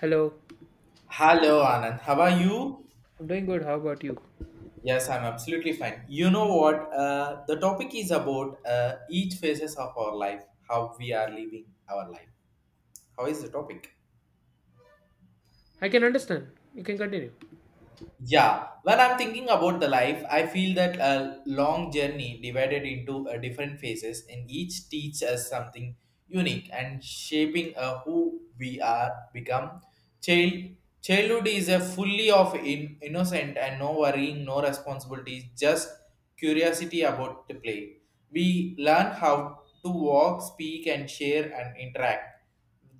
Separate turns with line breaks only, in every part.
Hello,
Hello, Anand. How are you?
I'm doing good. How about you?
Yes, I'm absolutely fine. You know what? The topic is about each phases of our life, how we are living our life. How is the topic?
I can understand. You can continue.
Yeah, when I'm thinking about the life, I feel that a long journey divided into different phases, and each teach us something unique and shaping who we are become. Child, childhood is a fully of innocent and no worrying, no responsibilities, just curiosity about the play. We learn how to walk, speak, and share and interact.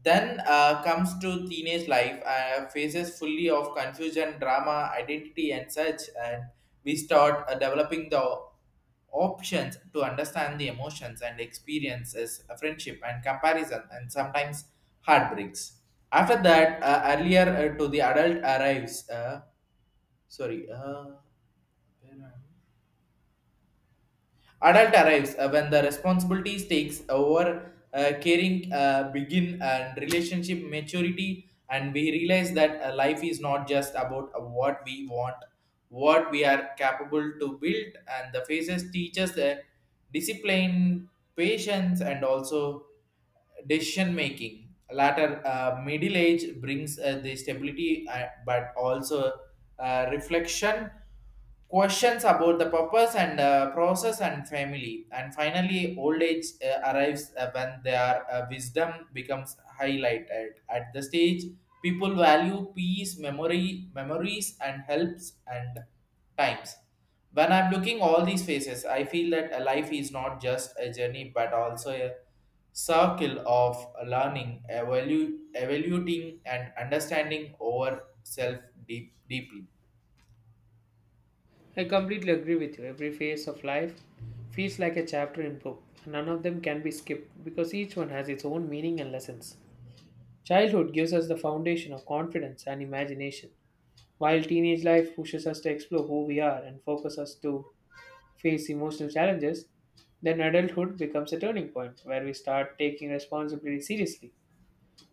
Then comes to teenage life, phases fully of confusion, drama, identity, and such, and we start developing the options to understand the emotions and experiences, friendship and comparison, and sometimes heartbreaks. After that, earlier to the adult arrives. Sorry, where am I? Adult arrives when the responsibilities takes over, caring begin and relationship maturity, and we realize that life is not just about what we want, what we are capable to build, and the phases teach us the discipline, patience, and also decision making. Latter middle age brings the stability, but also reflection questions about the purpose and process and family, and finally old age arrives when their wisdom becomes highlighted at the stage. People value peace, memory memories and helps and times. When I'm looking all these faces, I feel that a life is not just a journey but also a circle of learning, evaluating and understanding over self deep, deeply
I completely agree with you. Every phase of life feels like a chapter in book, and none of them can be skipped because each one has its own meaning and lessons. Childhood gives us the foundation of confidence and imagination, while teenage life pushes us to explore who we are and focus us to face emotional challenges. Then adulthood becomes a turning point where we start taking responsibility seriously.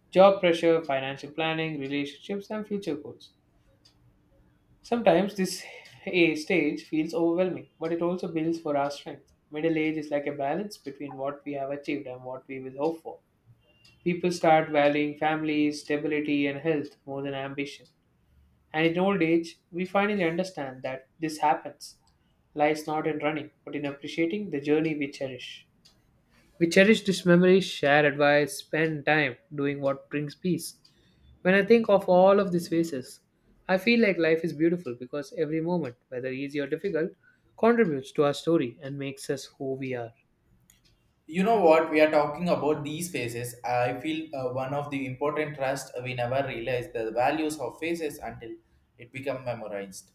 Job pressure, financial planning, relationships, and future goals. Sometimes this a stage feels overwhelming, but it also builds for our strength. Middle age is like a balance between what we have achieved and what we will hope for. People start valuing family, stability, and health more than ambition. And in old age, we finally understand that this happens. Lies not in running, but in appreciating the journey we cherish. We cherish these memories, share advice, spend time doing what brings peace. When I think of all of these phases, I feel like life is beautiful because every moment, whether easy or difficult, contributes to our story and makes us who we are.
You know what? We are talking about these phases. I feel one of the important trust, we never realize the values of phases until it become memorized.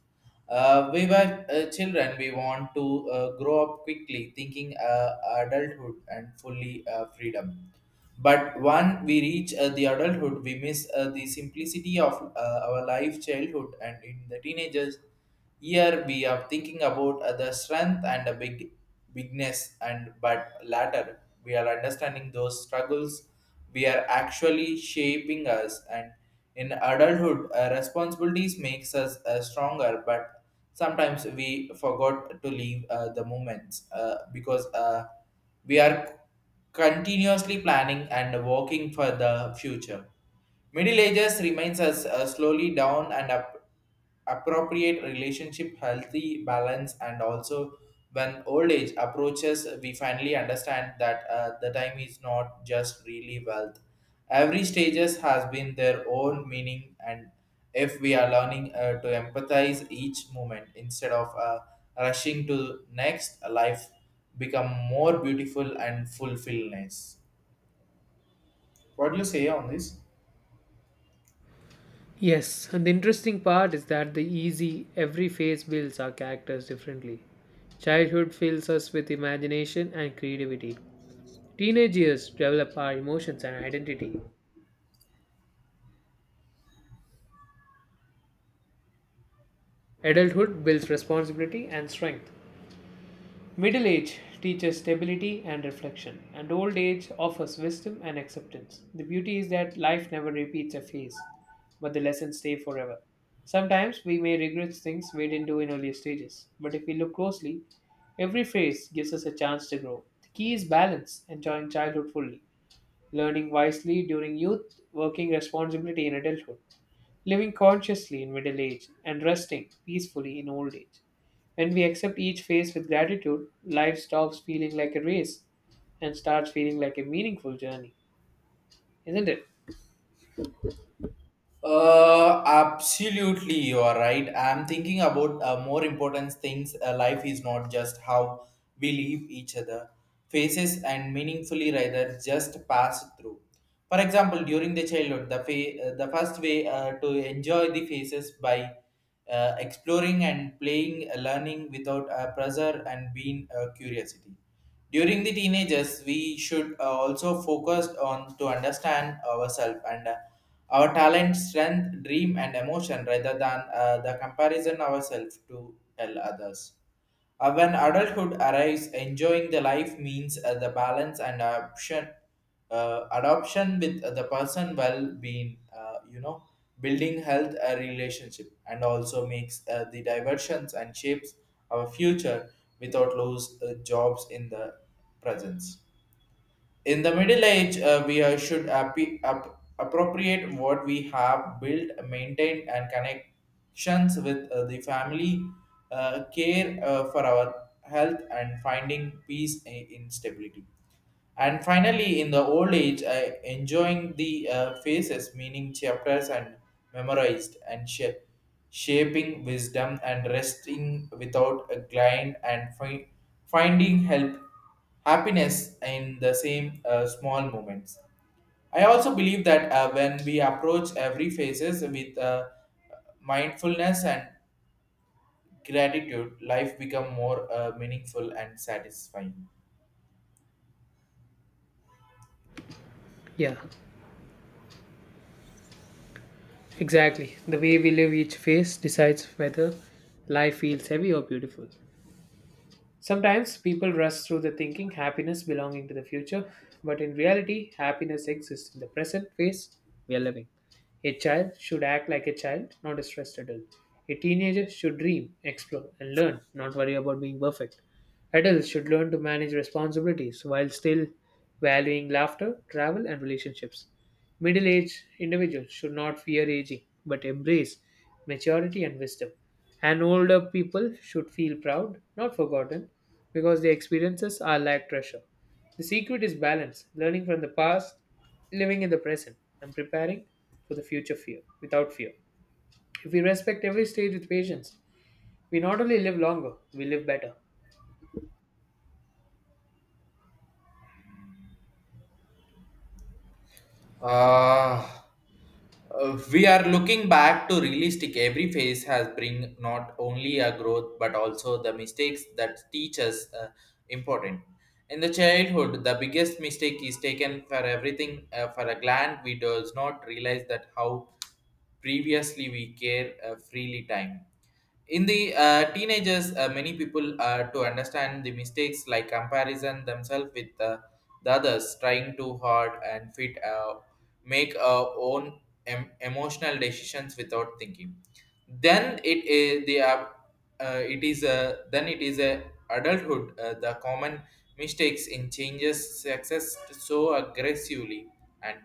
We were children. We want to grow up quickly thinking adulthood and fully freedom. But when we reach the adulthood, we miss the simplicity of our life childhood. And in the teenagers, here we are thinking about the strength and the bigness. And but latter we are understanding those struggles we are actually shaping us. And in adulthood, responsibilities makes us stronger, but sometimes we forgot to leave the moments, because we are continuously planning and working for the future. Middle Ages remains us slowly down and up, appropriate relationship, healthy balance, and also when old age approaches, we finally understand that the time is not just really wealth. Every stages has been their own meaning, and if we are learning to empathize each moment instead of rushing to next life, become more beautiful and fulfillness. What do you say on this?
Yes, and the interesting part is that the easy, every phase builds our characters differently. Childhood fills us with imagination and creativity. Teenage years develop our emotions and identity. Adulthood builds responsibility and strength. Middle age teaches stability and reflection, and old age offers wisdom and acceptance. The beauty is that life never repeats a phase, but the lessons stay forever. Sometimes we may regret things we didn't do in earlier stages, but if we look closely, every phase gives us a chance to grow. The key is balance, enjoying childhood fully, learning wisely during youth, working responsibility in adulthood living consciously in middle age and resting peacefully in old age. When we accept each phase with gratitude, life stops feeling like a race and starts feeling like a meaningful journey, isn't it?
Absolutely, you are right. I'm thinking about more important things. Life is not just how we leave each other faces and meaningfully rather just pass through. For example, during the childhood, the the first way to enjoy the faces by exploring and playing, learning without pressure and being curiosity. During the teenagers, we should also focus on to understand ourselves and our talent, strength, dream, and emotion rather than the comparison ourselves to tell others. When adulthood arrives, enjoying the life means the balance and adoption with the person well-being, building health a relationship, and also makes the diversions and shapes our future without lose jobs in the presence. In the Middle Age, we should appropriate what we have built, maintained, and connections with the family, care for our health, and finding in stability. And finally, in the old age, I enjoying the phases, meaning chapters and memorized and shaping wisdom and resting without a grind and finding help, happiness in the same small moments. I also believe that when we approach every phases with mindfulness and gratitude, life become more meaningful and satisfying.
Yeah, exactly. The way we live each phase decides whether life feels heavy or beautiful. Sometimes people rush through the thinking happiness belonging to the future, but in reality, happiness exists in the present phase we are living. A child should act like a child, not a stressed adult. A teenager should dream, explore, and learn, not worry about being perfect. Adults should learn to manage responsibilities while still valuing laughter, travel, and relationships. Middle aged individuals should not fear aging, but embrace maturity and wisdom. And older people should feel proud, not forgotten, because their experiences are like treasure. The secret is balance, learning from the past, living in the present, and preparing for the future fear without fear. If we respect every stage with patience, we not only live longer, we live better.
Uh, we are looking back to realistic. Every phase has bring not only a growth but also the mistakes that teach us important. In the childhood, the biggest mistake is taken for everything for a gland. We does not realize that how previously we care freely time. In the teenagers, many people to understand the mistakes like comparison themselves with the others, trying too hard and fit make own emotional decisions without thinking. Then it is the it is a then it is a adulthood. The common mistakes in changes success so aggressively and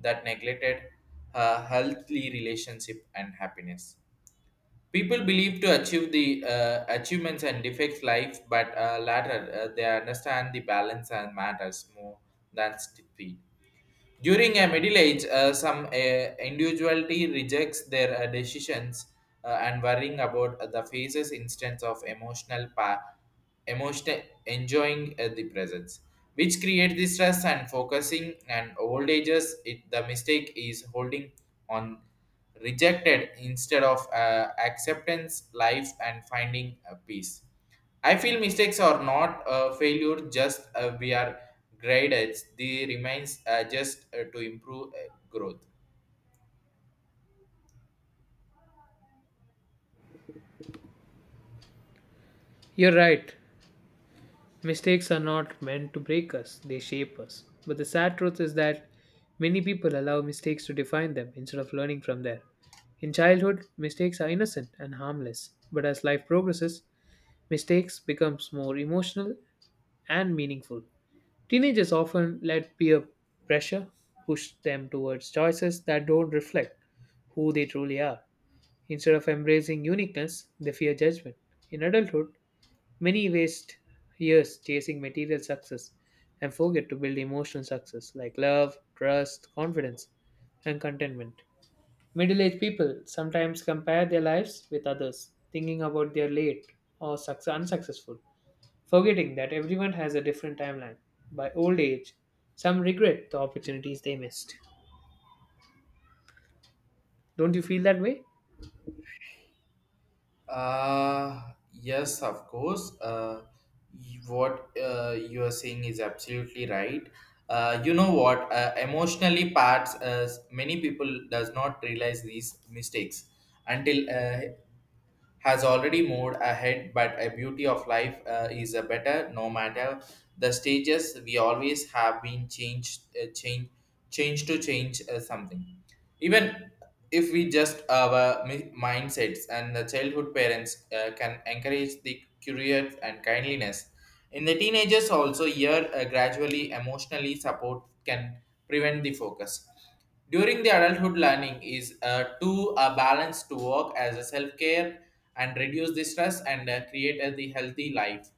that neglected healthy relationship and happiness. People believe to achieve the achievements and defects life, but latter they understand the balance and matters more than speed. During a middle age, some individuality rejects their decisions and worrying about the phases instance of emotional enjoying the presence, which create the stress and focusing and old ages. It, the mistake is holding on rejected instead of acceptance, life, and finding peace. I feel mistakes are not a failure, just we are graded. They remains just to improve growth.
You're right. Mistakes are not meant to break us, they shape us. But the sad truth is that many people allow mistakes to define them instead of learning from there. In childhood, mistakes are innocent and harmless, but as life progresses, mistakes becomes more emotional and meaningful. Teenagers often let peer pressure push them towards choices that don't reflect who they truly are. Instead of embracing uniqueness, they fear judgment. In adulthood, many waste years chasing material success and forget to build emotional success like love, trust, confidence, and contentment. Middle aged people sometimes compare their lives with others, thinking about their late or unsuccessful, forgetting that everyone has a different timeline. By old age, some regret the opportunities they missed. Don't you feel that way?
Yes, of course. What you are saying is absolutely right. You know what? Emotionally, parts many people does not realize these mistakes until has already moved ahead, but a beauty of life is a better no matter the stages. We always have been changed, change, change to change something, even if we just our mindsets. And the childhood parents can encourage the curious and kindliness. In the teenagers also, here gradually emotionally support can prevent the focus. During the adulthood, learning is to a balance to work as a self-care and reduce the stress and create a the healthy life.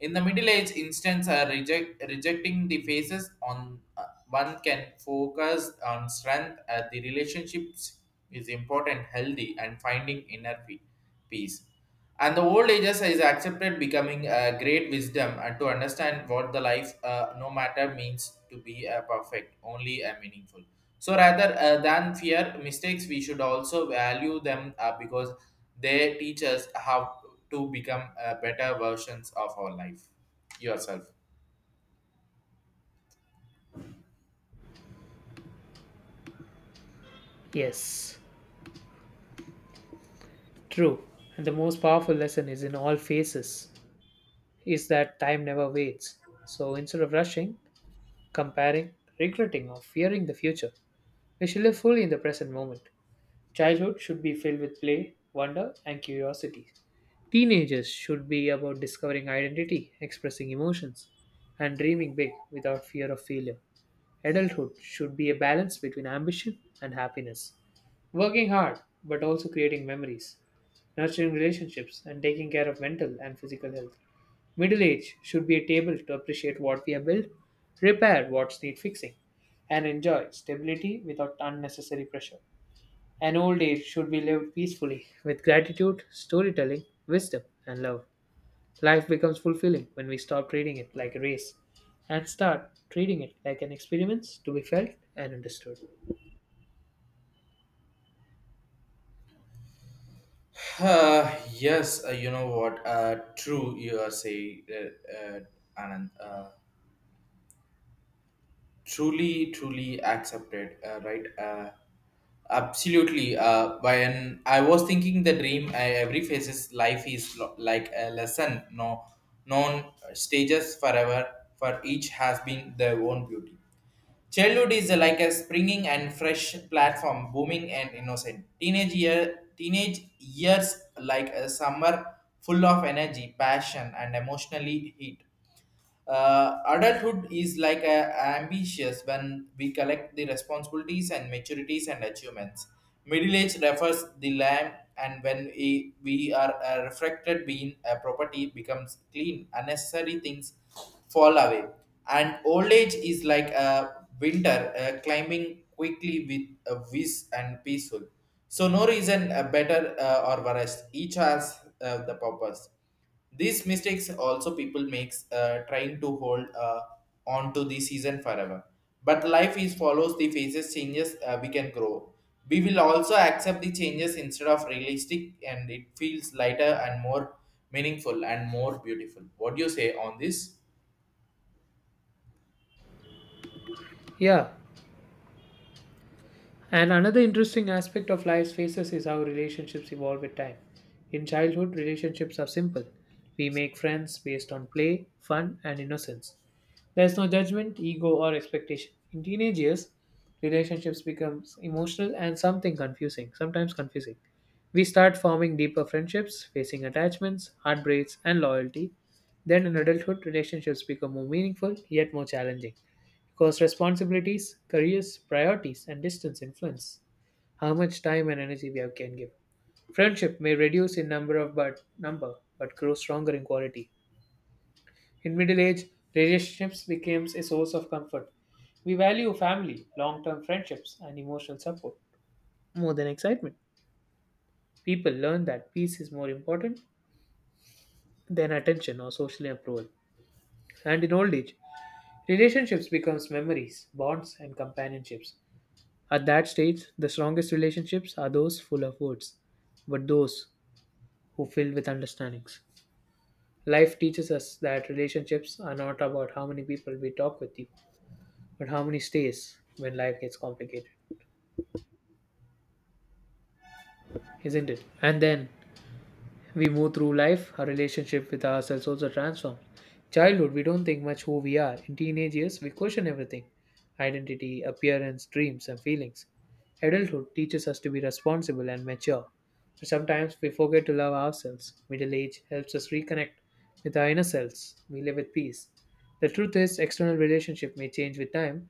In the Middle Age instance, rejecting the faces on one can focus on strength. The relationships is important, healthy, and finding peace. And the old ages is accepted becoming a great wisdom and to understand what the life no matter means to be perfect, only a meaningful. So rather than fear mistakes, we should also value them because they teach us how to become better versions of our life. Yourself.
Yes, true. And the most powerful lesson is in all phases is that time never waits. So instead of rushing, comparing, regretting, or fearing the future. We should live fully in the present moment. Childhood should be filled with play, wonder, and curiosity. Teenagers should be about discovering identity, expressing emotions, and dreaming big without fear of failure. Adulthood should be a balance between ambition and happiness. Working hard, but also creating memories, nurturing relationships, and taking care of mental and physical health. Middle age should be able to appreciate what we have built, repair what's need fixing, and enjoy stability without unnecessary pressure. An old age should be lived peacefully with gratitude, storytelling, wisdom, and love. Life becomes fulfilling when we stop treating it like a race and start treating it like an experience to be felt and understood.
Yes, you know what? True, you are saying, Anand. Truly accepted, right? Absolutely. When I was thinking the dream, I, every phase's life is like a lesson. No, known stages forever. For each has been their own beauty. Childhood is like a springing and fresh platform, booming and innocent. Teenage years like a summer full of energy, passion, and emotionally heat. Adulthood is like a, ambitious when we collect the responsibilities and maturities and achievements. Middle age refers the land, and when we are a reflected being a property becomes clean, unnecessary things fall away. And old age is like a winter climbing quickly with a whiz and peaceful. So no reason better or worse. Each has the purpose. These mistakes also people makes trying to hold on to the season forever. But life is follows the phases, changes we can grow. We will also accept the changes instead of realistic, and it feels lighter and more meaningful and more beautiful. What do you say on this?
Yeah, and another interesting aspect of life's phases is how relationships evolve with time. In childhood, relationships are simple. We make friends based on play, fun, and innocence. There's no judgment, ego, or expectation. In teenage years, relationships become emotional and something confusing, sometimes confusing. We start forming deeper friendships, facing attachments, heartbreaks, and loyalty. Then in adulthood, relationships become more meaningful yet more challenging because responsibilities, careers, priorities, and distance influence how much time and energy we have can give. Friendship may reduce in number of but number, but grow stronger in quality. In middle age, relationships becomes a source of comfort. We value family, long-term friendships, and emotional support more than excitement. People learn that peace is more important than attention or social approval. And in old age, relationships becomes memories, bonds, and companionships. At that stage, the strongest relationships are those full of words, but those who fill with understandings. Life teaches us that relationships are not about how many people we talk with you, but how many stays when life gets complicated, isn't it? And then we move through life, our relationship with ourselves also transforms. Childhood, we don't think much who we are. In teenage years, we question everything identity, appearance, dreams, and feelings. Adulthood teaches us to be responsible and mature. But sometimes we forget to love ourselves. Middle age helps us reconnect with our inner selves. We live with peace. The truth is, external relationship may change with time,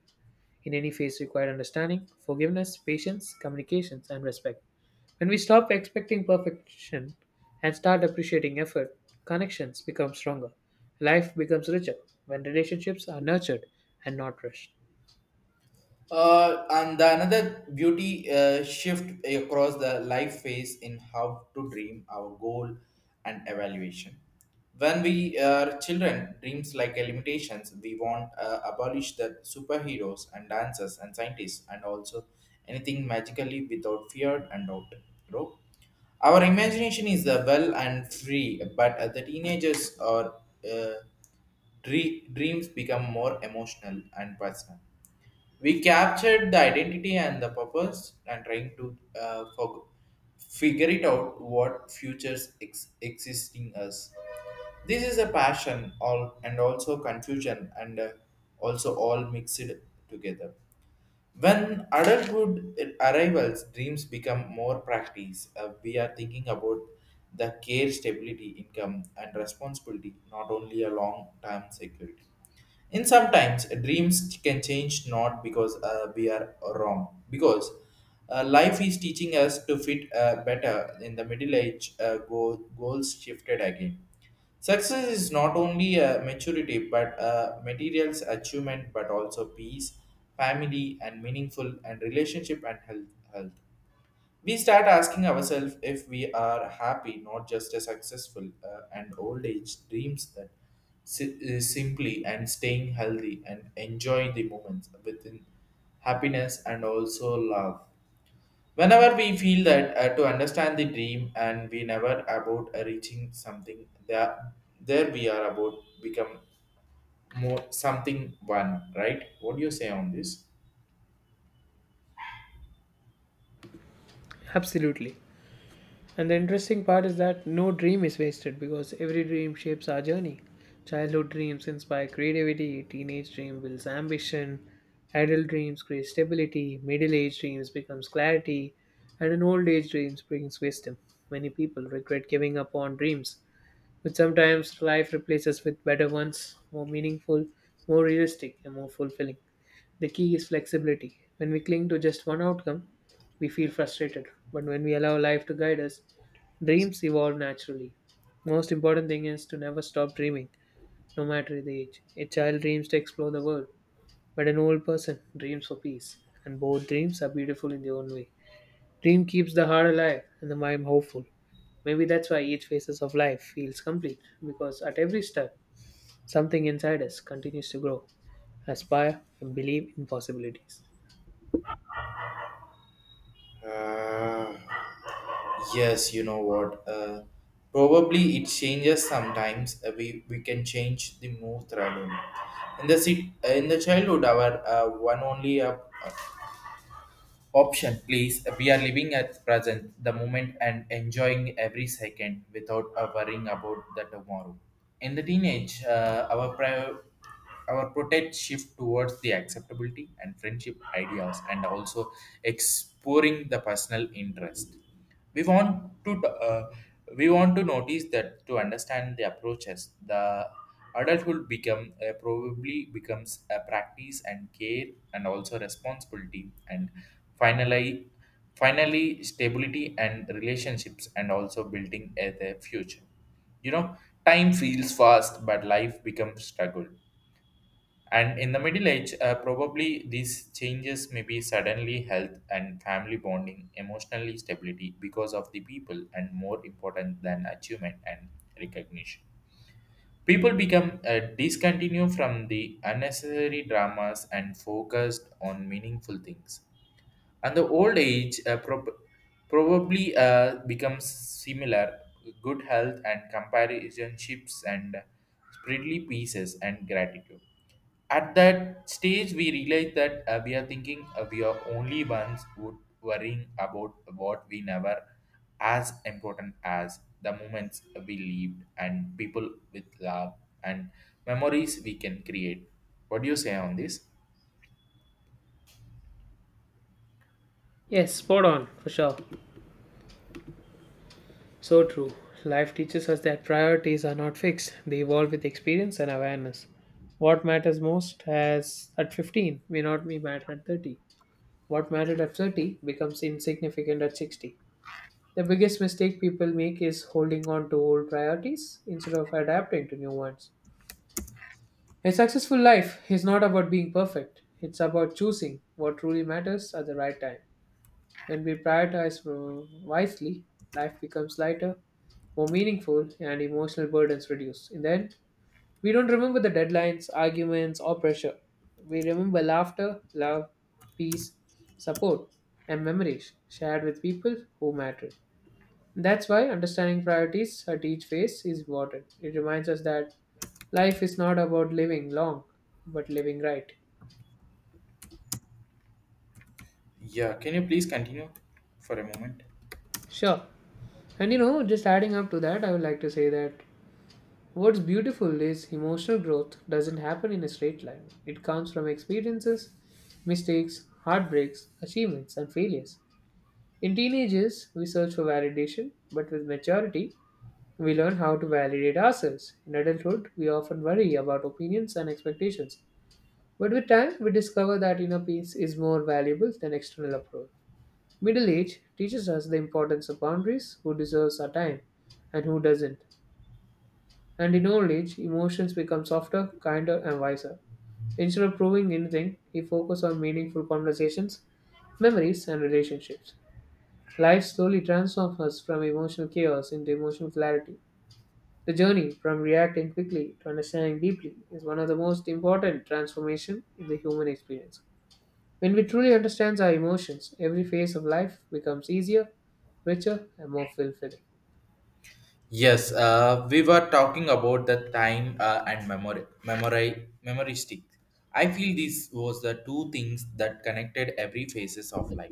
in any phase required understanding, forgiveness, patience, communications, and respect. When we stop expecting perfection and start appreciating effort, connections become stronger. Life becomes richer when relationships are nurtured and not rushed.
And the another beauty shift across the life phase in how to dream our goal and evaluation. When we are children, dreams like limitations, we want abolish the superheroes and dancers and scientists and also anything magically without fear and doubt. Bro. Our imagination is well and free, but the teenagers are uh, dreams become more emotional and personal. We captured the identity and the purpose and trying to figure it out what futures existing us. This is a passion all and also confusion and also all mixed together. When adulthood arrivals, dreams become more practice. We are thinking about the care, stability, income, and responsibility, not only a long-term security. In sometimes dreams can change not because we are wrong, because life is teaching us to fit better. In the middle age, goals shifted again. Success is not only a maturity but a materials achievement but also peace, family and meaningful and relationship and health. We start asking ourselves if we are happy, not just a successful, and old age dreams that simply and staying healthy and enjoy the moments within happiness and also love. Whenever we feel that to understand the dream and we never about reaching something, there we are about become more something one, right? What do you say on this?
Absolutely. And the interesting part is that no dream is wasted because every dream shapes our journey. Childhood dreams inspire creativity, teenage dream builds ambition, adult dreams create stability, middle age dreams becomes clarity, and an old age dreams brings wisdom. Many people regret giving up on dreams, but sometimes life replaces with better ones, more meaningful, more realistic, and more fulfilling. The key is flexibility. When we cling to just one outcome, we feel frustrated. But when we allow life to guide us, dreams evolve naturally. Most important thing is to never stop dreaming, no matter the age. A child dreams to explore the world, but an old person dreams for peace. And both dreams are beautiful in their own way. Dream keeps the heart alive and the mind hopeful. Maybe that's why each phases of life feels complete, because at every step, something inside us continues to grow, aspire, and believe in possibilities.
Uh, yes, you know what? Probably it changes sometimes. Uh, we can change the mood rather. In the childhood, our one only option, please. We are living at present, the moment, and enjoying every second without worrying about the tomorrow. In the teenage, our protect shift towards the acceptability and friendship ideas, and also exploring the personal interest. We want to uh, we want to notice that to understand the approaches, the adulthood become probably becomes a practice and care and also responsibility and finally finally stability and relationships and also building a the future. You know, time feels fast, but life becomes struggle. And in the middle age, probably these changes may be suddenly health and family bonding, emotionally stability because of the people, and more important than achievement and recognition. People become discontinue from the unnecessary dramas and focused on meaningful things and the old age probably becomes similar good health and comparationships and spreadly pieces and gratitude. At that stage we realize that we are only ones who worrying about what we never as important as the moments we lived and people with love and memories we can create. What do you say on this?
Yes, spot on, for sure. So true. Life teaches us that priorities are not fixed, they evolve with experience and awareness. What matters most as at 15 may not be matter at 30. What mattered at 30 becomes insignificant at 60. The biggest mistake people make is holding on to old priorities instead of adapting to new ones. A successful life is not about being perfect, it's about choosing what truly matters at the right time. When we prioritize wisely, life becomes lighter, more meaningful, and emotional burdens reduce. In the end, we don't remember the deadlines, arguments, or pressure. We remember laughter, love, peace, support, and memories shared with people who matter. That's why understanding priorities at each phase is important. It reminds us that life is not about living long, but living right.
Yeah, can you please continue for a moment.
Sure. And you know, just adding up to that, I would like to say that what's beautiful is emotional growth doesn't happen in a straight line. It comes from experiences, mistakes, heartbreaks, achievements, and failures. In teenage years, we search for validation, but with maturity, we learn how to validate ourselves. In adulthood, we often worry about opinions and expectations. But with time, we discover that inner peace is more valuable than external approval. Middle age teaches us the importance of boundaries, who deserves our time and who doesn't. And in old age, emotions become softer, kinder, and wiser. Instead of proving anything, he focused on meaningful conversations, memories, and relationships. Life slowly transforms us from emotional chaos into emotional clarity. The journey from reacting quickly to understanding deeply is one of the most important transformations in the human experience. When we truly understand our emotions, every phase of life becomes easier, richer, and more fulfilling.
Yes, we were talking about the time and memory, memory stick. I feel this was the two things that connected every phases of life.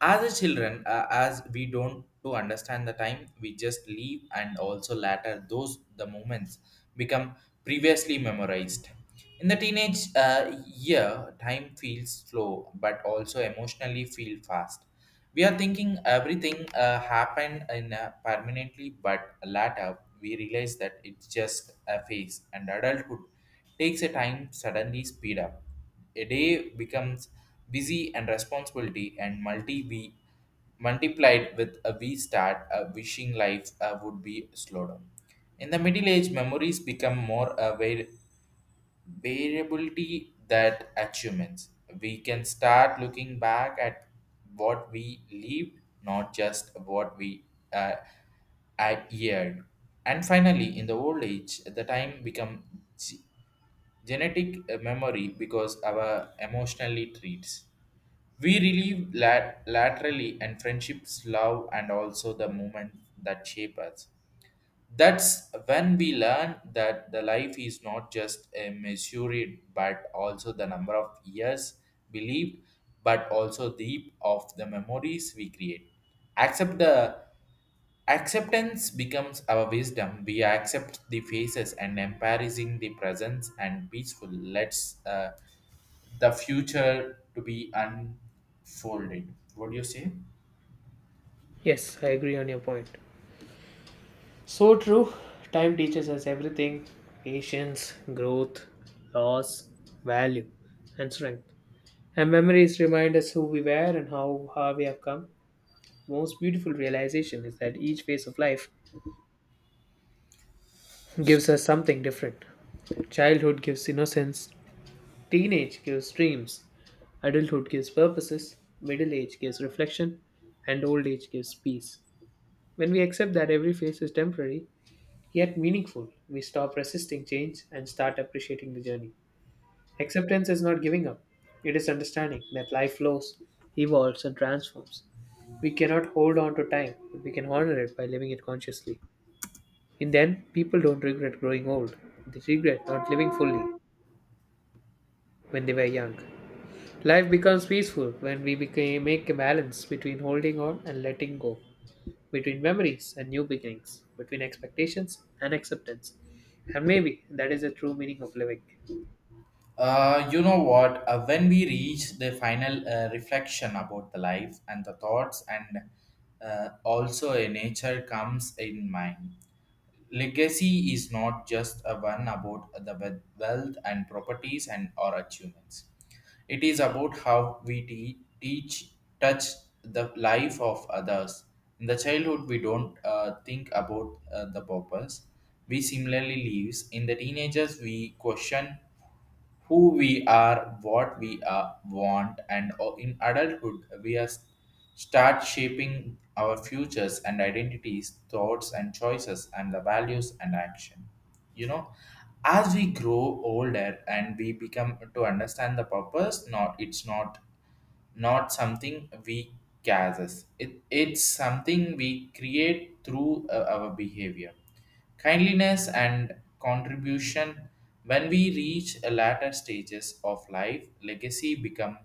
As a children, as we don't to understand the time, we just leave, and also later those the moments become previously memorized. In the teenage year, time feels slow, but also emotionally feel fast. We are thinking everything happened in a permanently, but later we realize that it's just a phase, and adulthood takes a time suddenly speed up. A day becomes busy and responsibility and multiplied with a we start a wishing life would be slowed down. In the middle age, memories become more aware variability that achievements. We can start looking back at what we lived, not just what we uh, adhered. And finally, in the old age, the time become g- genetic memory because our emotionally treats. We relive laterally and friendships, love, and also the moment that shape us. That's when we learn that the life is not just a measured but also the number of years believed, but also deep of the memories we create. Accept the Acceptance becomes our wisdom. We accept the faces and embracing the presence and peaceful. Let's the future to be unfolded. What do you say?
Yes, I agree on your point. So true. Time teaches us everything patience, growth, loss, value, and strength. And memories remind us who we were and how far we have come. Most beautiful realization is that each phase of life gives us something different. Childhood gives innocence, teenage gives dreams, adulthood gives purposes, middle age gives reflection, and old age gives peace. When we accept that every phase is temporary, yet meaningful, we stop resisting change and start appreciating the journey. Acceptance is not giving up, it is understanding that life flows, evolves, and transforms. We cannot hold on to time, but we can honor it by living it consciously. In the end, people don't regret growing old, they regret not living fully when they were young. Life becomes peaceful when we became, make a balance between holding on and letting go, between memories and new beginnings, between expectations and acceptance. And maybe that is the true meaning of living.
You know what? When we reach the final reflection about the life and the thoughts, and also a nature comes in mind. Legacy is not just a one about the wealth and properties and or achievements. It is about how we teach, touch the life of others. In the childhood, we don't think about the purpose. We similarly lives. In the teenagers, we question who we are, what we are, want, in adulthood, start shaping our futures and identities, thoughts and choices, and the values and action. You know, as we grow older and we become to understand the purpose, not something we causes. It's something we create through our behavior kindliness and contribution. When we reach a latter stages of life,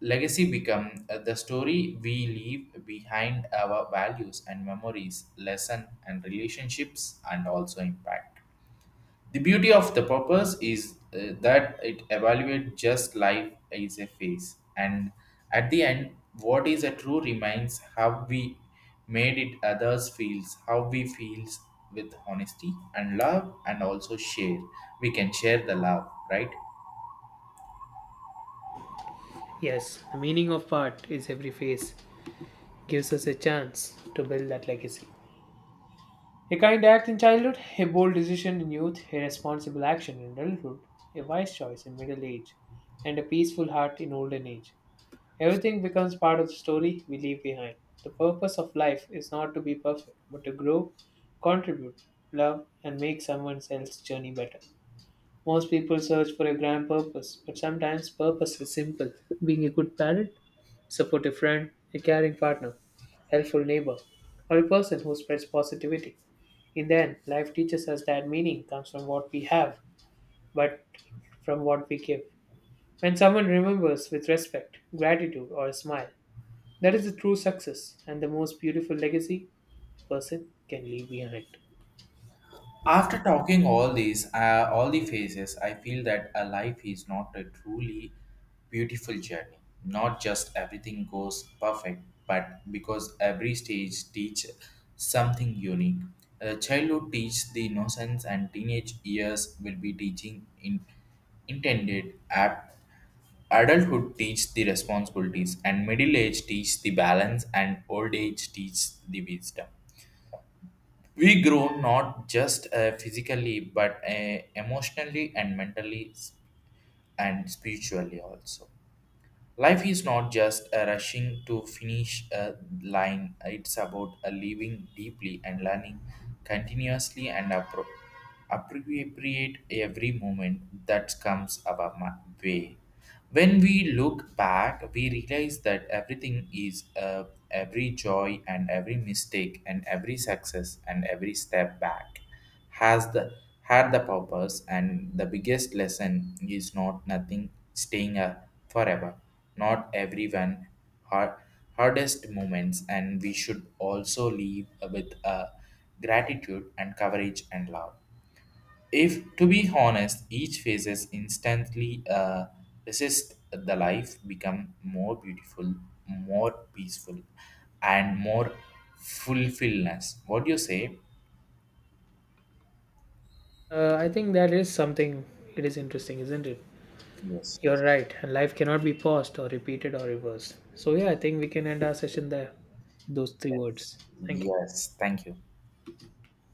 legacy become the story we leave behind our values and memories lesson and relationships and also impact. The beauty of the purpose is that it evaluates just life is a phase, and at the end, what is a true remains how we made it others feels, how we feels with honesty and love, and also share. We can share the love, right?
Yes, the meaning of part is every phase, gives us a chance to build that legacy. A kind act in childhood, a bold decision in youth, a responsible action in adulthood, a wise choice in middle age, and a peaceful heart in olden age. Everything becomes part of the story we leave behind. The purpose of life is not to be perfect, but to grow, contribute, love, and make someone else's journey better. Most people search for a grand purpose, but sometimes purpose is simple being a good parent, supportive friend, a caring partner, helpful neighbor, or a person who spreads positivity. In the end, life teaches us that meaning comes from what we have, but from what we give. When someone remembers with respect, gratitude, or a smile, that is the true success and the most beautiful legacy a person can leave behind.
After talking all these, all the phases, I feel that a life is not a truly beautiful journey. Not just everything goes perfect, but because every stage teach something unique. Childhood teach the innocence, and teenage years will be teaching in intended app. Adulthood teach the responsibilities and middle age teach the balance and old age teach the wisdom. We grow not just physically but emotionally and mentally and spiritually also. Life is not just a rushing to finish a line, it's about a living deeply and learning continuously and appropriate every moment that comes our way. When we look back, we realize that everything is every joy and every mistake and every success and every step back has the had the purpose. And the biggest lesson is not nothing staying forever, not everyone hard, hardest moments, and we should also leave with gratitude and courage and love. If to be honest, each phases instantly resist the life become more beautiful, more peaceful, and more fulfillness. What do you say?
I think that is something, it is interesting, isn't it?
Yes.
You're right. Life cannot be paused or repeated or reversed. So, yeah, I think we can end our session there. Those three
Yes.
words. Thank you.
Yes. Thank you.